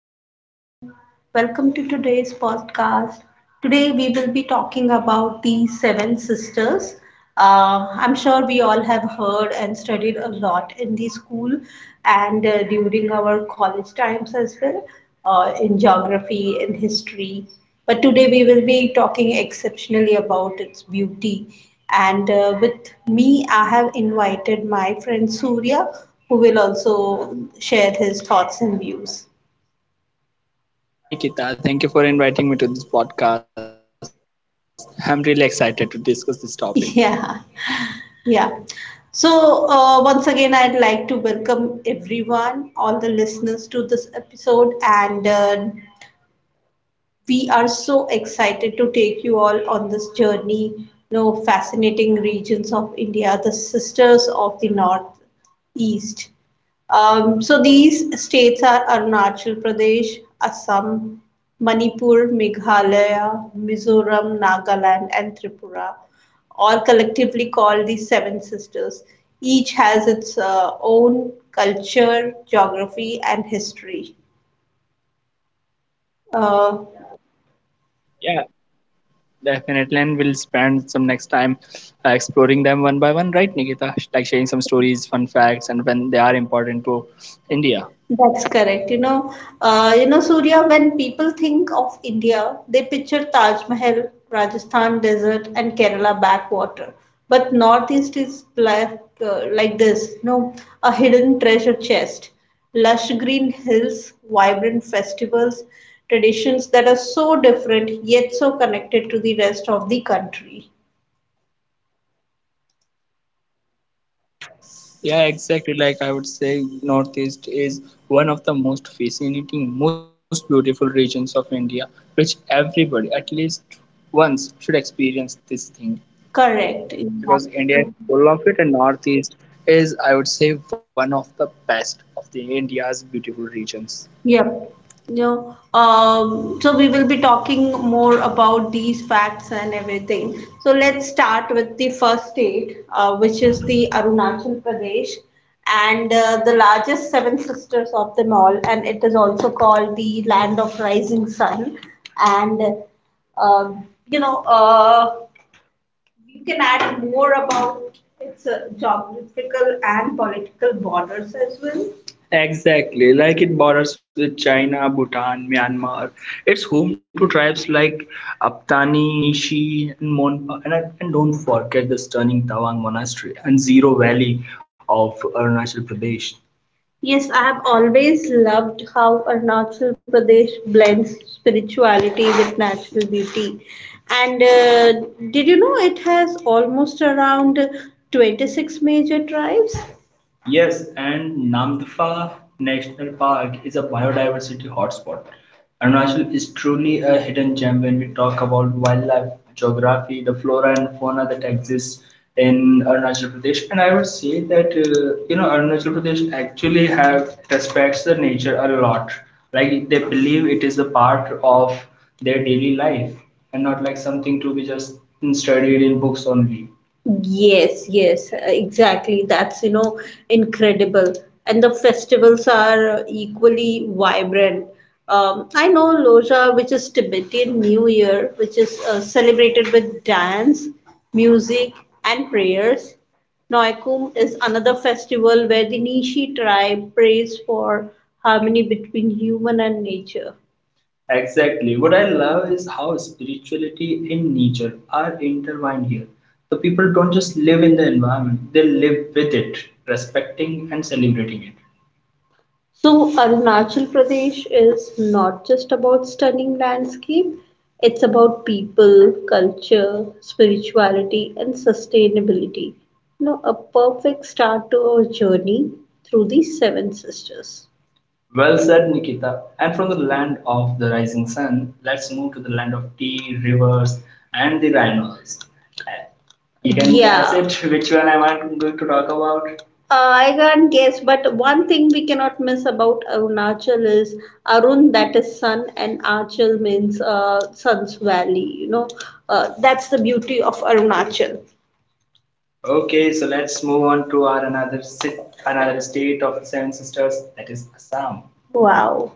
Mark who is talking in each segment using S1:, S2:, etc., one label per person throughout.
S1: everyone. Welcome to today's podcast. Today, we will be talking about the seven sisters. I'm sure we all have heard and studied a lot in the school and during our college times as well in geography, in history. But today, we will be talking exceptionally about its beauty. And with me, I have invited my friend Surya, who will also share his thoughts and views.
S2: Hi Nikita, thank you for inviting me to this podcast. I'm really excited to discuss this topic.
S1: Yeah, yeah. So, once again, I'd like to welcome everyone, all the listeners to this episode, and we are so excited to take you all on this journey. Fascinating regions of India, the sisters of the North East. So these states are Arunachal Pradesh, Assam, Manipur, Meghalaya, Mizoram, Nagaland, and Tripura, all collectively called the Seven Sisters. Each has its own culture, geography, and history. Uh,
S2: Yeah, definitely, and we'll spend some next time exploring them one by one, right, Nikita? Like sharing some stories, fun facts, and when they are important to India.
S1: That's correct. Surya, when people think of India, they picture Taj Mahal, Rajasthan desert, and Kerala backwater. But Northeast is like this, a hidden treasure chest, lush green hills, vibrant festivals, traditions that are so different yet so connected to the rest of the country.
S2: Yeah, exactly. Like I would say, Northeast is one of the most fascinating, most beautiful regions of India, which everybody, at least once, should experience this thing.
S1: Correct.
S2: Because India is
S1: Yeah.
S2: full of it, and Northeast is, I would say, one of the best of the India's beautiful regions.
S1: Yep. So we will be talking more about these facts and everything. So let's start with the first state, which is the Arunachal Pradesh, and the largest seven sisters of them all, and it is also called the land of rising sun. And uh, you know, uh, you can add more about its geographical and political borders as well. Exactly, like it borders with China, Bhutan, Myanmar. It's home to tribes like Aptani, Nishi, and Monpa. And don't forget the stunning Tawang Monastery and Zero Valley of Arunachal Pradesh. Yes, I have always loved how Arunachal Pradesh blends spirituality with natural beauty. And did you know it has almost around 26 major tribes? Yes, and Namdpha National Park is a biodiversity hotspot. Arunachal is truly a hidden gem when we talk about wildlife, geography, the flora and fauna that exists in Arunachal Pradesh. And I would say that Arunachal Pradesh actually have respects the nature a lot. Like they believe it is a part of their daily life and not like something to be just studied in books only. Yes, yes, exactly. That's incredible. And the festivals are equally vibrant. I know Loja, which is Tibetan New Year, which is celebrated with dance, music, and prayers. Noikum is another festival where the Nishi tribe prays for harmony between human and nature. Exactly. What I love is how spirituality and nature are intertwined here. The people don't just live in the environment, they live with it, respecting and celebrating it. So, Arunachal Pradesh is not just about stunning landscape, it's about people, culture, spirituality, and sustainability. A perfect start to our journey through the Seven Sisters. Well said, Nikita. And from the land of the rising sun, let's move to the land of tea, rivers, and the rhinos. Uh, You can guess, yeah, it which one am I going to talk about? I can't guess, but one thing we cannot miss about Arunachal is Arun, that is sun, and Achal means sun's valley. That's the beauty of Arunachal. Okay, so let's move on to our another another state of the Seven Sisters, that is Assam. Wow.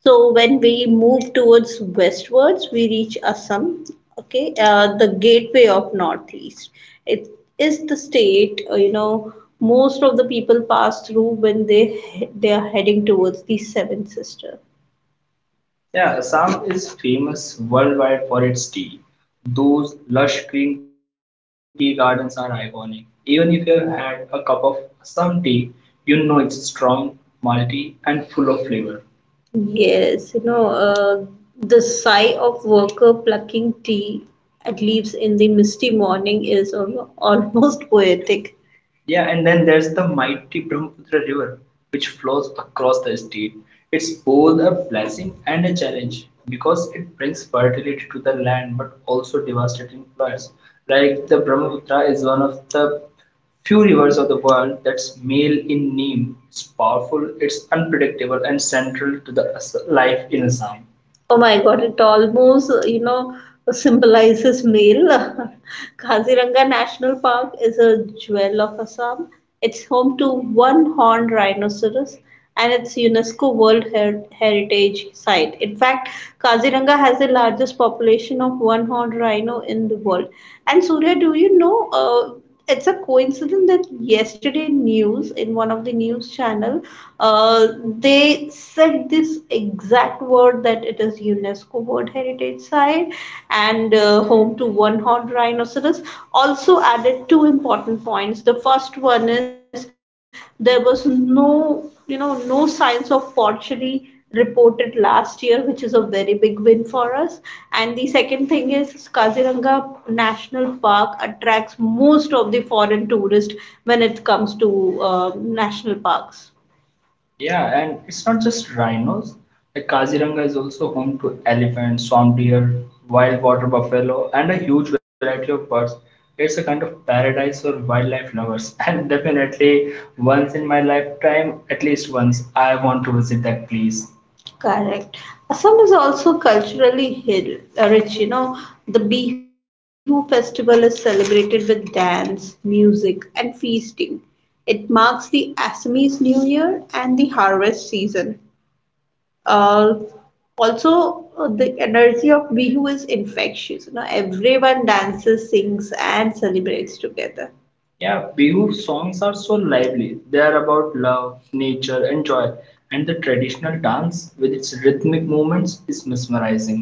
S1: So when we move towards westwards, we reach Assam, okay, the gateway of Northeast. It is the state, most of the people pass through when they are heading towards the Seven Sister. Yeah, Assam is famous worldwide for its tea. Those lush green tea gardens are iconic. Even if you've had a cup of Assam tea, you know it's strong, malty, and full of flavor. Yes, the sigh of worker plucking tea at leaves in the misty morning is almost poetic. Yeah, and then there's the mighty Brahmaputra River, which flows across the state. It's both a blessing and a challenge because it brings fertility to the land but also devastating floods. Like the Brahmaputra is one of the few rivers of the world that's male in name. It's powerful, it's unpredictable, and central to the life in Assam. Oh my God, it almost, symbolizes male. Kaziranga National Park is a jewel of Assam. It's home to one horned rhinoceros and it's UNESCO World Heritage Site. In fact, Kaziranga has the largest population of one horned rhino in the world. And Surya, do you know? It's a coincidence that yesterday news in one of the news channel uh, they said this exact word that it is UNESCO World Heritage Site and home to one horned rhinoceros, also added two important points. The first one is there was no signs of pottery reported last year, which is a very big win for us. And the second thing is Kaziranga National Park attracts most of the foreign tourists when it comes to national parks. Yeah, and it's not just rhinos. Like Kaziranga is also home to elephants, swamp deer, wild water buffalo, and a huge variety of birds. It's a kind of paradise for wildlife lovers, and definitely once in my lifetime, at least once, I want to visit that place. Correct. Assam is also culturally rich. The Bihu festival is celebrated with dance, music, and feasting. It marks the Assamese New Year and the harvest season, uh, also the energy of Bihu is infectious. Everyone dances, sings, and celebrates together. Yeah, Bihu songs are so lively. They are about love, nature, and joy. And the traditional dance, with its rhythmic movements, is mesmerizing.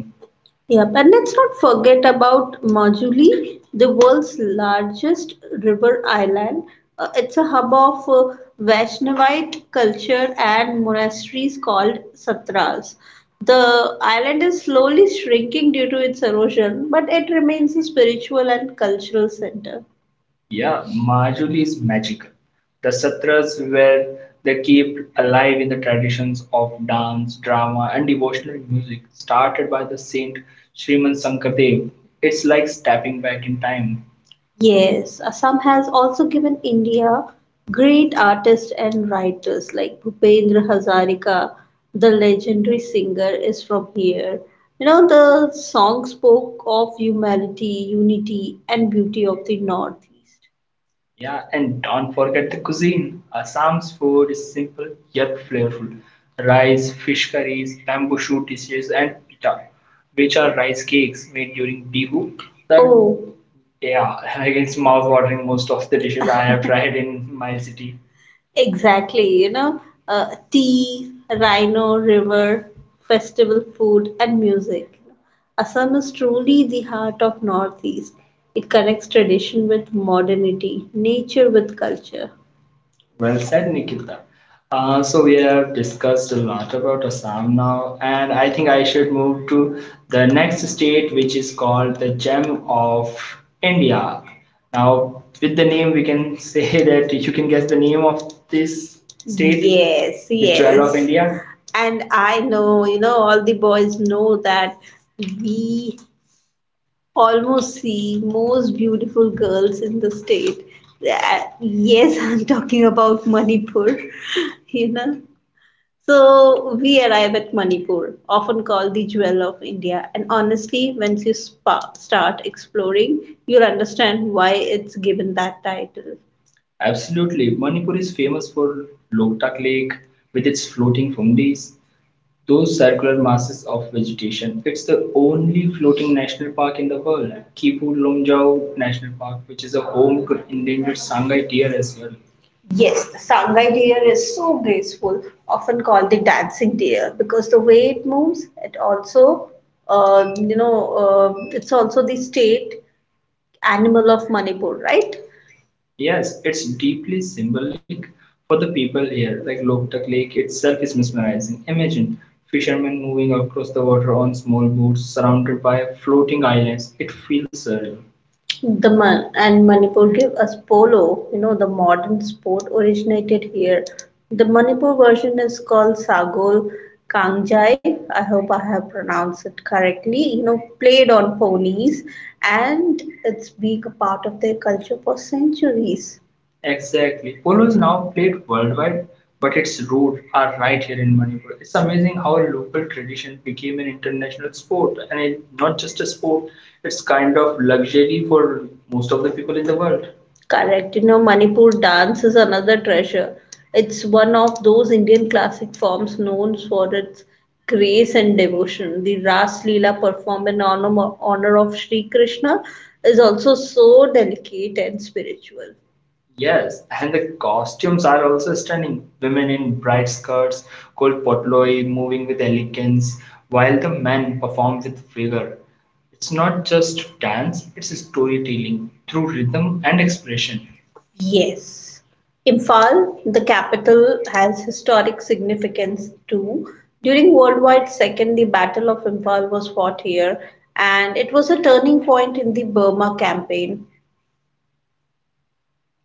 S1: Yep, and let's not forget about Majuli, the world's largest river island. It's a hub of Vaishnavite culture and monasteries called satras. The island is slowly shrinking due to its erosion, but it remains a spiritual and cultural center. Yeah, Majuli is magical. The satras where they kept alive in the traditions of dance, drama, and devotional music started by the saint Sriman Sankardev. It's like stepping back in time. Yes, Assam has also given India great artists and writers like Bhupendra Hazarika, the legendary singer, is from here. The song spoke of humanity, unity, and beauty of the Northeast. Yeah, and don't forget the cuisine. Assam's food is simple yet flavorful. Rice, fish curries, bamboo shoot dishes, and pita, which are rice cakes made during Bihu. Oh, yeah, like it's mouth-watering. Most of the dishes I have tried in my city. Exactly, tea, rhino, river, festival food, and music. Assam is truly the heart of Northeast. It connects tradition with modernity, nature with culture. Well said, Nikita. So we have discussed a lot about Assam now, and I think I should move to the next state, which is called the Gem of India. Now, with the name, we can say that you can guess the name of this state. Yes, the Jewel of yes. India. And I know, all the boys know that we almost see most beautiful girls in the state. Yes, I'm talking about Manipur, you know. So we arrive at Manipur, often called the jewel of India. And honestly, once you start exploring, you'll understand why it's given that title. Absolutely. Manipur is famous for Loktak Lake with its floating fungi, those circular masses of vegetation. It's the only floating national park in the world, Kipu Lomjau National Park, which is a home to endangered Sangay deer as well. Yes, the Sangai deer is so graceful, often called the dancing deer, because the way it moves, it also, it's also the state animal of Manipur, right? Yes, it's deeply symbolic for the people here. Like Loktak Lake itself is mesmerizing. Imagine fishermen moving across the water on small boats surrounded by floating islands. It feels surreal. The Man and Manipur give us polo, the modern sport originated here. The Manipur version is called Sagol Kangjai. I hope I have pronounced it correctly. Played on ponies, and it's been a part of their culture for centuries. Exactly. Polo is now played worldwide, but its roots are right here in Manipur. It's amazing how a local tradition became an international sport, and not just a sport, it's kind of luxury for most of the people in the world. Correct. Manipur dance is another treasure. It's one of those Indian classic forms known for its grace and devotion. The Ras Leela performed in honor of Sri Krishna is also so delicate and spiritual. Yes, and the costumes are also stunning. Women in bright skirts, cold potloi, moving with elegance, while the men perform with vigor. It's not just dance, it's storytelling through rhythm and expression. Yes. Imphal, the capital, has historic significance too. During World War II, the Battle of Imphal was fought here, and it was a turning point in the Burma campaign.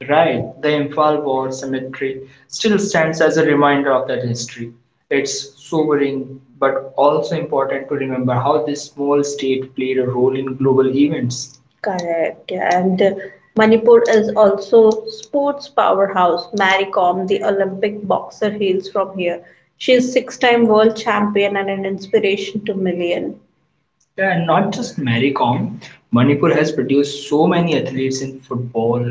S1: Right, the Imphal War Cemetery still stands as a reminder of that history. It's sobering but also important to remember how this small state played a role in global events. Correct. Yeah, And Manipur is also sports powerhouse. Mary the Olympic boxer, hails from here. She is six-time world champion and an inspiration to million. Yeah, and not just Maricom. Manipur has produced so many athletes in football,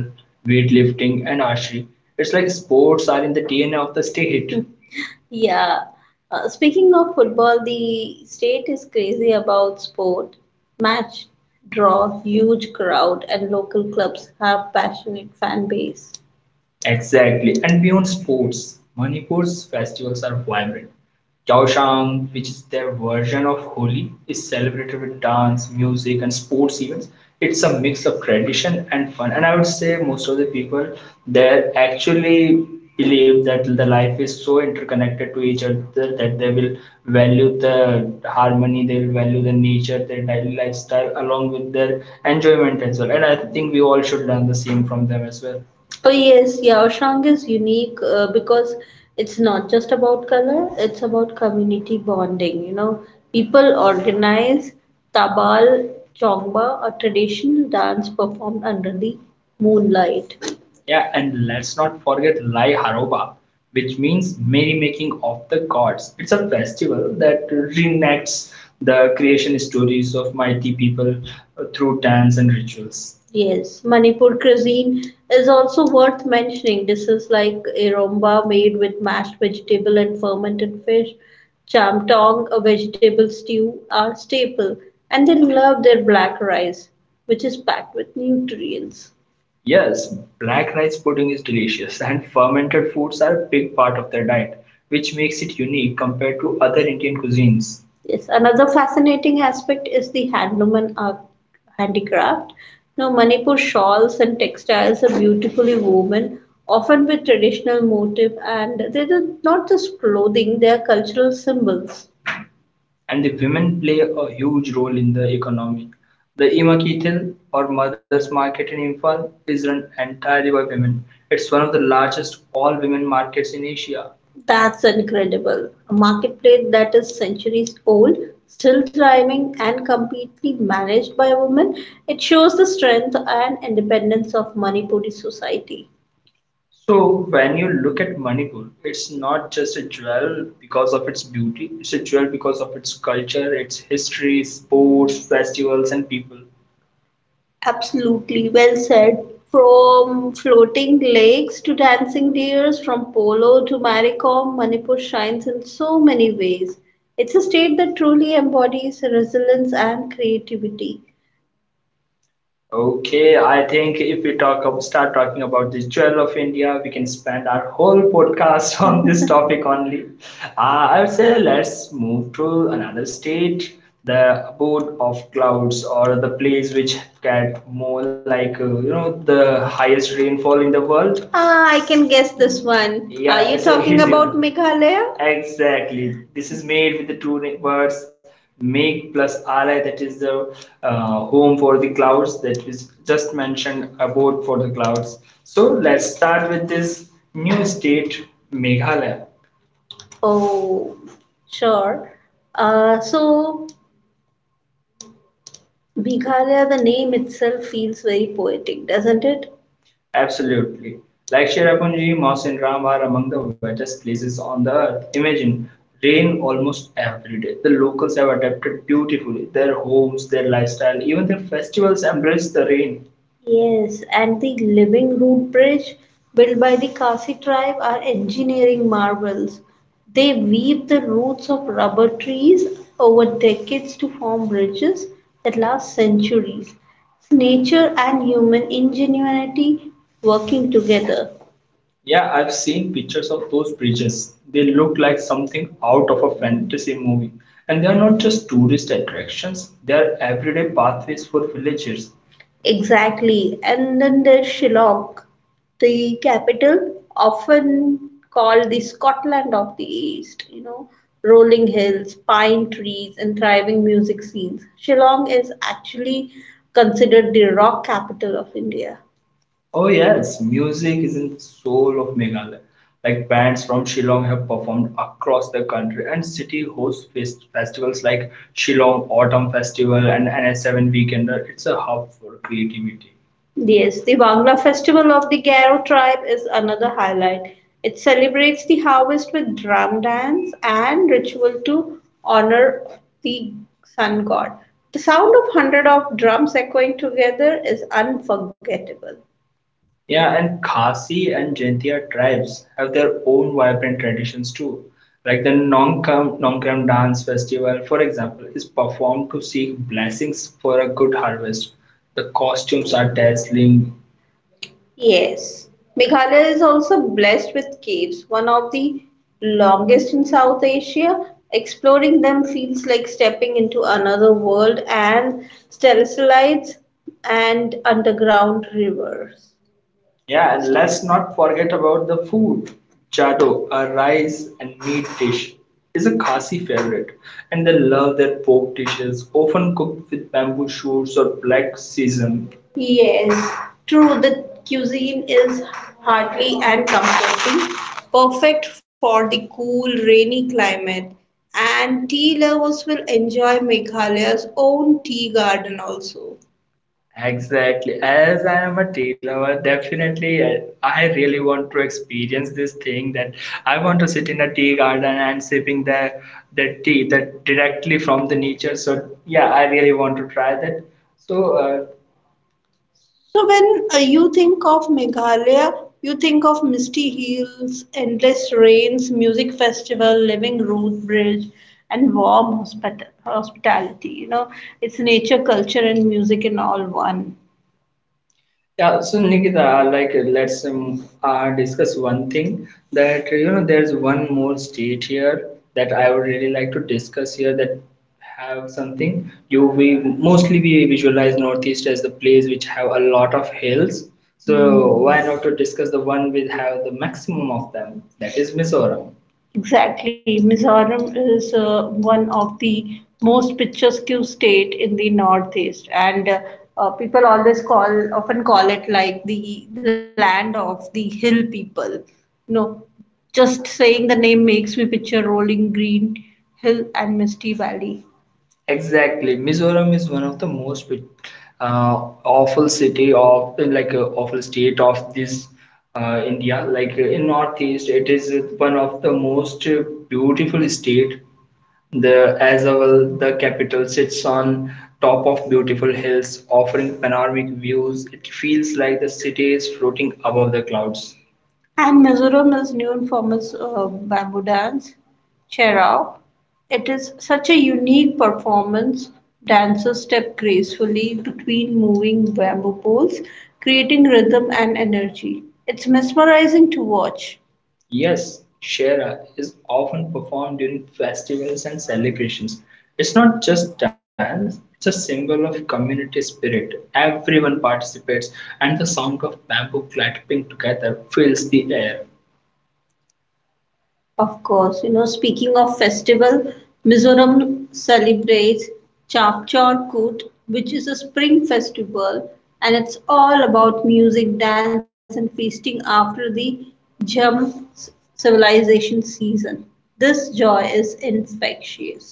S1: weightlifting, and archery. It's like sports are in the DNA of the state. Yeah. Speaking of football, the state is crazy about sport. Match draw huge crowd, and local clubs have passionate fan base. Exactly. And beyond sports, Manipur's festivals are vibrant. Yaoshang, which is their version of Holi, is celebrated with dance, music, and sports events. It's a mix of tradition and fun. And I would say most of the people there actually believe that the life is so interconnected to each other that they will value the harmony, they will value the nature, their daily lifestyle, along with their enjoyment as well. And I think we all should learn the same from them as well. Oh yes, yeah, Shang is unique because it's not just about color, it's about community bonding. You know, people organize Tabal Chongba, a traditional dance performed under the moonlight. Yeah, and let's not forget Lai Haroba, which means merry making of the gods. It's a festival that reenacts the creation stories of mighty people through dance and rituals. Yes, Manipur cuisine is also worth mentioning. Dishes like iromba made with mashed vegetable and fermented fish, chamtong, a vegetable stew, are staple, and they love their black rice, which is packed with nutrients. Yes, black rice pudding is delicious, and fermented foods are a big part of their diet, which makes it unique compared to other Indian cuisines. Yes, another fascinating aspect is the handloom and handicraft. Now, Manipur shawls and textiles are beautifully woven, often with traditional motif, and they are not just clothing; they are cultural symbols and the women play a huge role in the economy. The Imakitel or Mothers Market in Imphal is run entirely by women. It's one of the largest all women markets in Asia. That's incredible. A marketplace that is centuries old, still thriving, and completely managed by a woman. It shows the strength and independence of Manipuri society. So when you look at Manipur, it's not just a jewel because of its beauty, it's a jewel because of its culture, its history, sports, festivals, and people. Absolutely, well said. From floating lakes to dancing deers, from polo to Maricom, Manipur shines in so many ways. It's a state that truly embodies resilience and creativity. Okay, I think if we talk start talking about the jewel of India, we can spend our whole podcast on this topic only. I would say let's move to another state, the abode of clouds, or the place which get more like you know the highest rainfall in the world. Ah, I can guess this one. Are Yeah, you it's a talking Hindu. About Hindu. Meghalaya? Exactly. This is made with the two words. Make plus Ally, that is the home for the clouds that is just mentioned about for the clouds. So let's start with this new state, Meghalaya. Oh, sure. Uh, so, Meghalaya, the name itself feels very poetic, doesn't it? Absolutely. Like Cherrapunji, Moss and Ram are among the wettest places on the earth. Imagine rain almost every day. The locals have adapted beautifully. Their homes, their lifestyle, even their festivals embrace the rain. Yes, and the living root bridge built by the Khasi tribe are engineering marvels. They weave the roots of rubber trees over decades to form bridges that last centuries. It's nature and human ingenuity working together. Yeah, I've seen pictures of those bridges. They look like something out of a fantasy movie. And they are not just tourist attractions, they are everyday pathways for villagers. Exactly. And then there's Shillong, the capital, often called the Scotland of the East, you know, rolling hills, pine trees, and thriving music scenes. Shillong is actually considered the rock capital of India. Oh yes, music is in the soul of Meghalaya. Like bands from Shillong have performed across the country, and city hosts festivals like Shillong Autumn Festival and NS7 Weekender. It's a hub for creativity. Yes, the Wangla Festival of the Garo tribe is another highlight. It celebrates the harvest with drum dance and ritual to honor the sun god. The sound of hundred of drums echoing together is unforgettable. Yeah, and Khasi and Jaintia tribes have their own vibrant traditions too. Like the Nongkram Dance Festival, for example, is performed to seek blessings for a good harvest. The costumes are dazzling. Yes. Meghalaya is also blessed with caves, one of the longest in South Asia. Exploring them feels like stepping into another world and stalactites and underground rivers. Yeah, and let's not forget about the food. Chado, a rice and meat dish, is a Khasi favorite, and they love their pork dishes, often cooked with bamboo shoots or black sesame. Yes, true. The cuisine is hearty and comforting, perfect for the cool, rainy climate. And tea lovers will enjoy Meghalaya's own tea garden also. Exactly. As I am a tea lover, definitely I really want to experience this thing that I want to sit in a tea garden and sipping the tea that directly from the nature. So yeah, I really want to try that. So uh, So when you think of Meghalaya, you think of misty hills, endless rains, music festival, living root bridge, and warm hospitality. You know, it's nature, culture, and music in all one. Yeah, so Nikita, let's discuss one thing that you know there's one more state here that I would really like to discuss here that have something you we mostly we visualize Northeast as the place which have a lot of hills. So Hmm, why not to discuss the one with have the maximum of them that is Mizoram. Exactly. Mizoram is one of the most picturesque state in the northeast, and people always often call it like the land of the hill people. You know, just saying the name makes me picture rolling green hill and misty valley. Exactly. Mizoram is one of the most uh, awful city of like awful state of this India. Like in Northeast, it is one of the most beautiful state. The as well, the capital sits on top of beautiful hills, offering panoramic views. It feels like the city is floating above the clouds. And Mizoram is known for its bamboo dance, Cherao. It is such a unique performance. Dancers step gracefully between moving bamboo poles, creating rhythm and energy. It's mesmerizing to watch. Yes, Shera is often performed during festivals and celebrations. It's not just dance, it's a symbol of community spirit. Everyone participates, and the sound of bamboo clapping together fills the air. Of course, you know, speaking of festival, Mizoram celebrates Chapchor Kut, which is a spring festival, and it's all about music, dance, and feasting after the Jhum civilization season. This joy is infectious.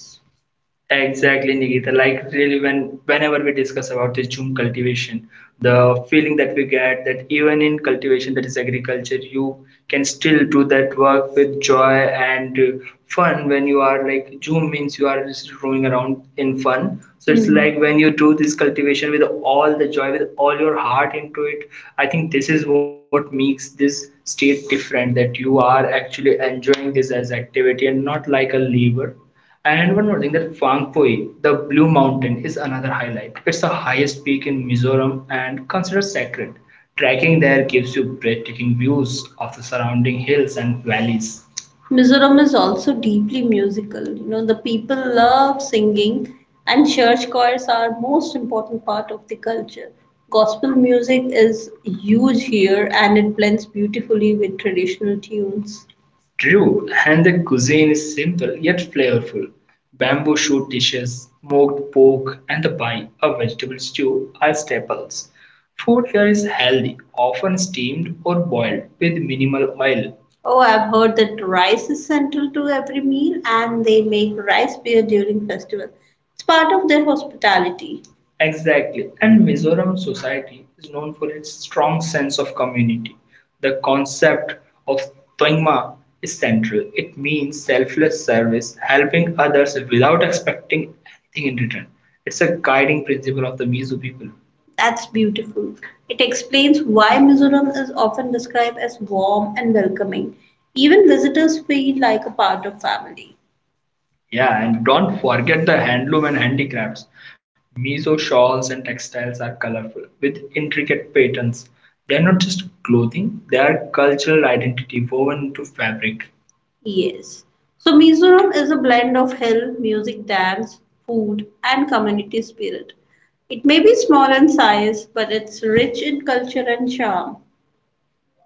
S1: Exactly, Nikita. Like really, whenever we discuss about this Zoom cultivation, the feeling that we get that even in cultivation, that is agriculture, you can still do that work with joy and fun. When you are like Zoom means you are just roaming around in fun. So it's hmm like when you do this cultivation with all the joy, with all your heart into it. I think this is what makes this state different. That you are actually enjoying this as activity and not like a labor. And one more thing that Phang Phoi, the Blue Mountain, is another highlight. It's the highest peak in Mizoram and considered sacred. Trekking there gives you breathtaking views of the surrounding hills and valleys. Mizoram is also deeply musical. You know, the people love singing, and church choirs are most important part of the culture. Gospel music is huge here, and it blends beautifully with traditional tunes. True, and the cuisine is simple yet flavorful. Bamboo shoot dishes, smoked pork, and the pie, a vegetable stew, are staples. Food here is healthy, often steamed or boiled with minimal oil. Oh, I've heard that rice is central to every meal and they make rice beer during festival. It's part of their hospitality. Exactly. And Mizoram society is known for its strong sense of community. The concept of Toingma is central. It means selfless service, helping others without expecting anything in return. It's a guiding principle of the Mizo people. That's beautiful. It explains why Mizoram is often described as warm and welcoming. Even visitors feel like a part of family. Yeah, and don't forget the handloom and handicrafts. Mizo shawls and textiles are colorful with intricate patterns. They are not just clothing, they are cultural identity woven into fabric. Yes. So Mizoram is a blend of health, music, dance, food, and community spirit. It may be small in size, but it's rich in culture and charm.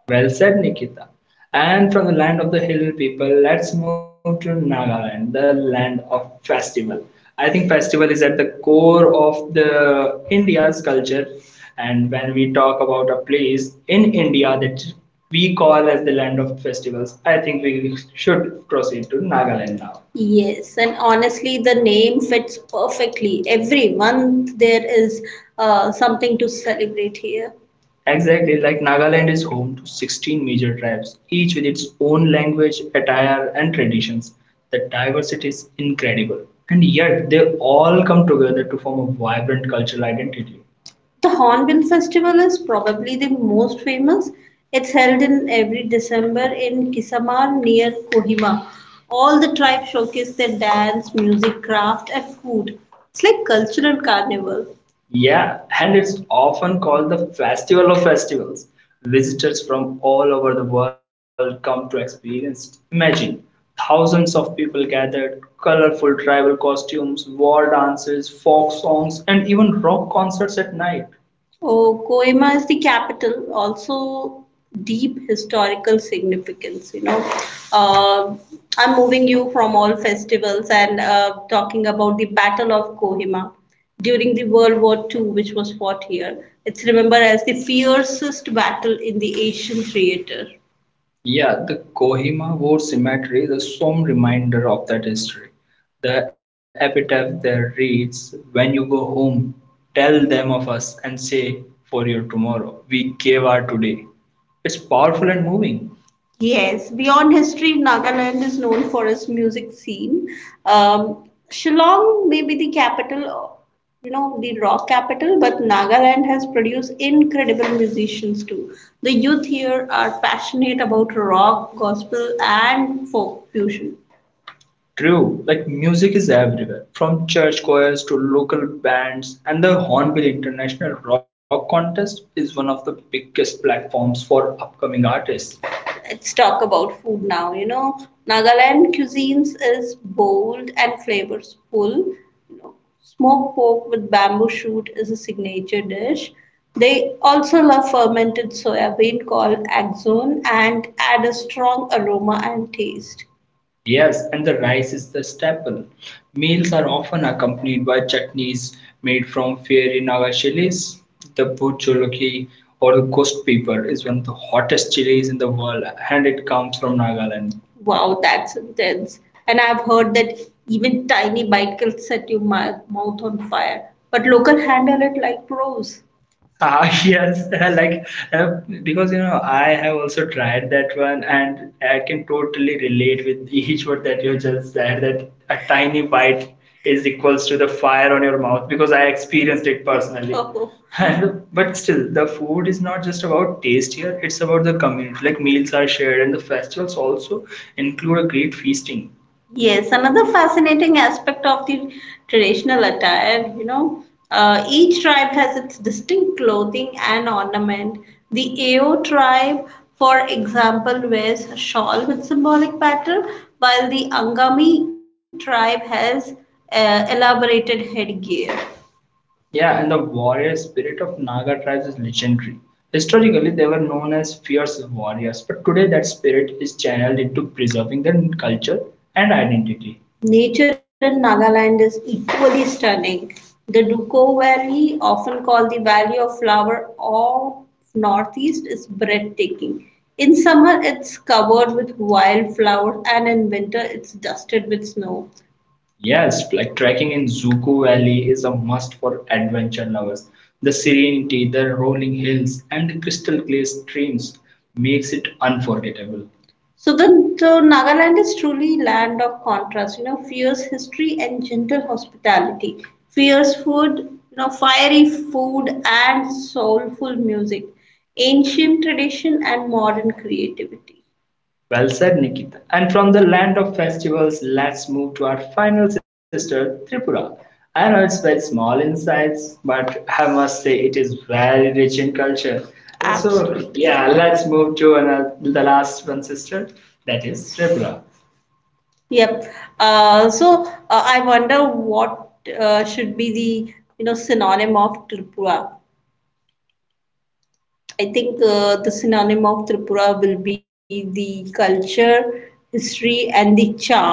S1: Well said, Nikita. And from the land of the hill people, let's move to Nagaland, the land of festival. I think festival is at the core of the India's culture. And when we talk about a place in India that we call as the land of festivals, I think we should proceed to Nagaland now. Yes, and honestly, the name fits perfectly. Every month there is something to celebrate here. Exactly, like Nagaland is home to 16 major tribes, each with its own language, attire, and traditions. The diversity is incredible, and yet they all come together to form a vibrant cultural identity. The Hornbill Festival is probably the most famous. It's held in every December in Kisamar near Kohima. All the tribes showcase their dance, music, craft, and food. It's like cultural carnival. Yeah, and it's often called the Festival of Festivals. Visitors from all over the world come to experience it. Imagine thousands of people gathered, colorful tribal costumes, war dances, folk songs, and even rock concerts at night. Oh, Coima is the capital, also deep historical significance, you know. Uh, I'm moving you from all festivals and talking about the Battle of Kohima during the World War II, which was fought here. It's remembered as the fiercest battle in the Asian theater. Yeah, the Kohima War Cemetery is a solemn reminder of that history. The epitaph there reads, When you go home, tell them of us and say, For your tomorrow, we gave our today. It's powerful and moving. Yes, beyond history, Nagaland is known for its music scene. Shillong may be the capital, you know, the rock capital, but Nagaland has produced incredible musicians too. The youth here are passionate about rock, gospel, and folk fusion. True, like music is everywhere, from church choirs to local bands, and the Hornbill International Rock Contest is one of the biggest platforms for upcoming artists. Let's talk about food now. You know, Nagaland cuisines is bold and flavorful. You know, smoked pork with bamboo shoot is a signature dish. They also love fermented soya bean called axon and add a strong aroma and taste. Yes, and the rice is the staple. Meals are often accompanied by chutneys made from fiery Fairinaga chilies. The Pucholoki or the ghost pepper is one of the hottest chilies in the world and it comes from Nagaland. Wow, that's intense. And I've heard that even tiny bite can set your mouth on fire. But local handle it like pros. Ah, yes, like uh, because you know, I have also tried that one, and I can totally relate with each word that you just said, that a tiny bite is equals to the fire on your mouth because I experienced it personally. Oh, and but still, the food is not just about taste here, it's about the community. Like meals are shared, and the festivals also include a great feasting. Yes, another fascinating aspect of the traditional attire, you know, each tribe has its distinct clothing and ornament. The Ao tribe, for example, wears a shawl with symbolic pattern, while the Angami tribe has elaborated headgear. Yeah, and the warrior spirit of Naga tribes is legendary. Historically, they were known as fierce warriors, but today that spirit is channeled into preserving their culture and identity. Nature in Nagaland is equally stunning. The Duko Valley, often called the Valley of Flower of Northeast, is breathtaking. In summer, it's covered with wildflowers, and in winter, it's dusted with snow. Yes, like trekking in Zuko Valley is a must for adventure lovers. The serenity, the rolling hills, and the crystal clear streams makes it unforgettable. So Nagaland is truly land of contrast, you know, fierce history and gentle hospitality, fierce food, you know, fiery food and soulful music, ancient tradition and modern creativity. Well said, Nikita. And from the land of festivals, let's move to our final sister, Tripura. I know it's very small in size, but I must say it is very rich in culture. Also, absolutely, yeah, let's move to another, the last one, sister, that is Tripura. Yep. I wonder what should be the synonym of Tripura. I think the synonym of Tripura will be the culture, history, and the charm.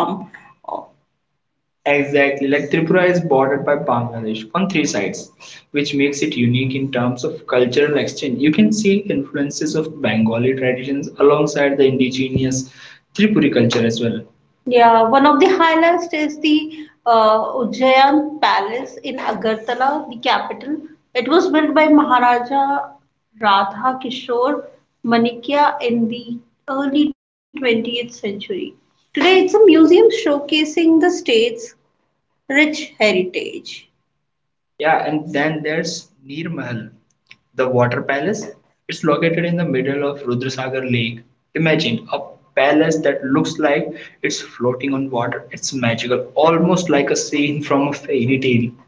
S1: Exactly, like Tripura is bordered by Bangladesh on three sides, which makes it unique in terms of cultural exchange. You can see influences of Bengali traditions alongside the indigenous Tripuri culture as well. Yeah, one of the highlights is the Ujjayan Palace in Agartala, the capital. It was built by Maharaja Radha Kishore Manikya in the early 20th century. Today, it's a museum showcasing the state's rich heritage. Yeah, and then there's Neer Mahal, the water palace. It's located in the middle of Rudrasagar Lake. Imagine a palace that looks like it's floating on water. It's magical, almost like a scene from a fairy tale.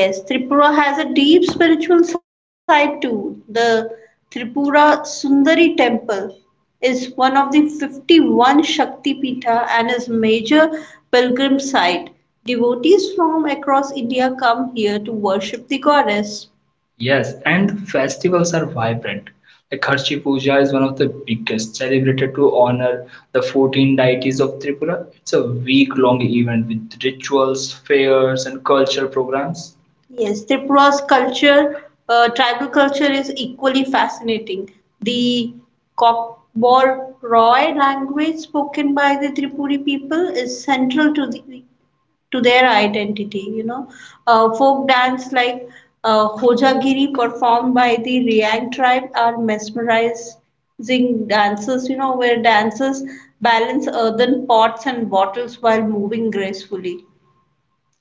S1: Yes, Tripura has a deep spiritual side too. The Tripura Sundari Temple is one of the 51 Shakti Pitha and is major pilgrim site. Devotees from across India come here to worship the goddess. Yes, and the festivals are vibrant. Like Kharchi Puja is one of the biggest, celebrated to honor the 14 deities of Tripura. It's a week-long event with rituals, fairs, and cultural programs. Yes, Tripura's culture, tribal culture is equally fascinating. The Roy language spoken by the Tripuri people is central to the to their identity, you know. Uh, Folk dance like hojagiri performed by the Riang tribe are mesmerizing dances, you know, where dancers balance earthen pots and bottles while moving gracefully.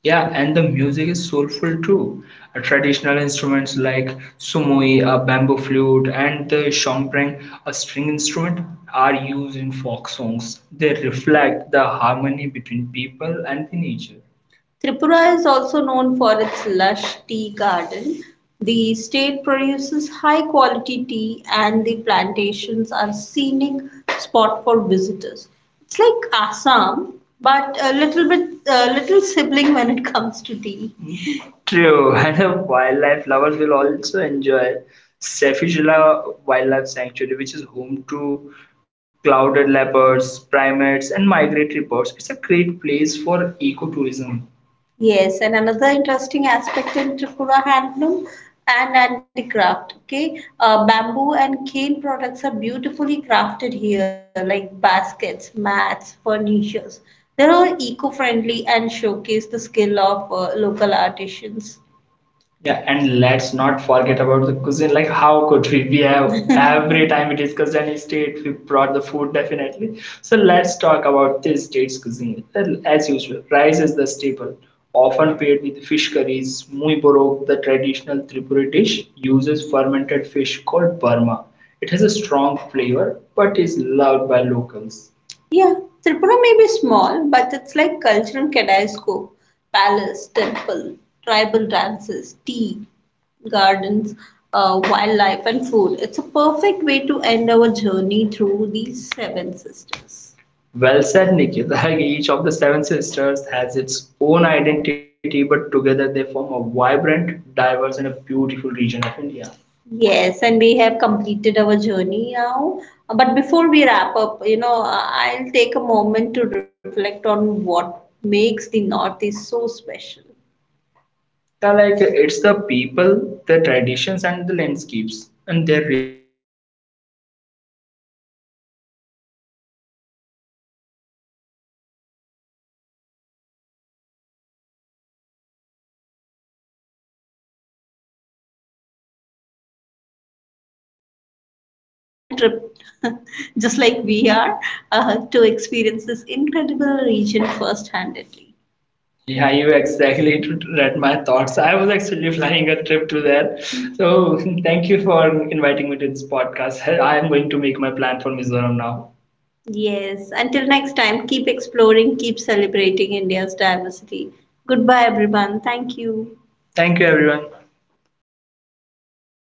S1: Yeah, and the music is soulful too. Traditional instruments like sumoi, a bamboo flute, and the shongprang, a string instrument, are used in folk songs. They reflect the harmony between people and the nature. Tripura is also known for its lush tea garden. The state produces high quality tea and the plantations are scenic spot for visitors. It's like Assam, but a little bit, a little sibling when it comes to tea. True, and wildlife lovers will also enjoy Sefigila Wildlife Sanctuary, which is home to clouded leopards, primates, and migratory birds. It's a great place for ecotourism. Yes, and another interesting aspect in Tripura handloom and handicraft. Okay, bamboo and cane products are beautifully crafted here, like baskets, mats, furnitures. They're all eco-friendly and showcase the skill of local artisans. Yeah, and let's not forget about the cuisine. Like, how could we? We have every time we discussed any state, we brought the food definitely. So let's talk about this state's cuisine. Well, as usual, rice is the staple, often paired with fish curries. Muy borok, the traditional Tripuri dish, uses fermented fish called Burma. It has a strong flavor, but is loved by locals. Yeah, Tripura may be small, but it's like cultural kaleidoscope. Palace, temple, tribal dances, tea, gardens, wildlife, and food. It's a perfect way to end our journey through these seven sisters. Well said, Nikita. Each of the seven sisters has its own identity, but together they form a vibrant, diverse, and a beautiful region of India. Yes, and we have completed our journey now. But before we wrap up, you know, I'll take a moment to reflect on what makes the Northeast so special. Yeah, like it's the people, the traditions, and the landscapes, and their resilience. Despite challenges of connectivity and geography, the Seven Sisters shines as jewel of India. Yes. Exactly, you know, and we hope that our listeners also feel inspired to learn more and maybe plan a trip just like we are to experience this incredible region first-handedly. Yeah, you exactly read my thoughts. I was actually planning a trip to there. So thank you for inviting me to this podcast. I am going to make my plan for Mizoram now. Yes, until next time, keep exploring, keep celebrating India's diversity. Goodbye, everyone. Thank you. Thank you, everyone.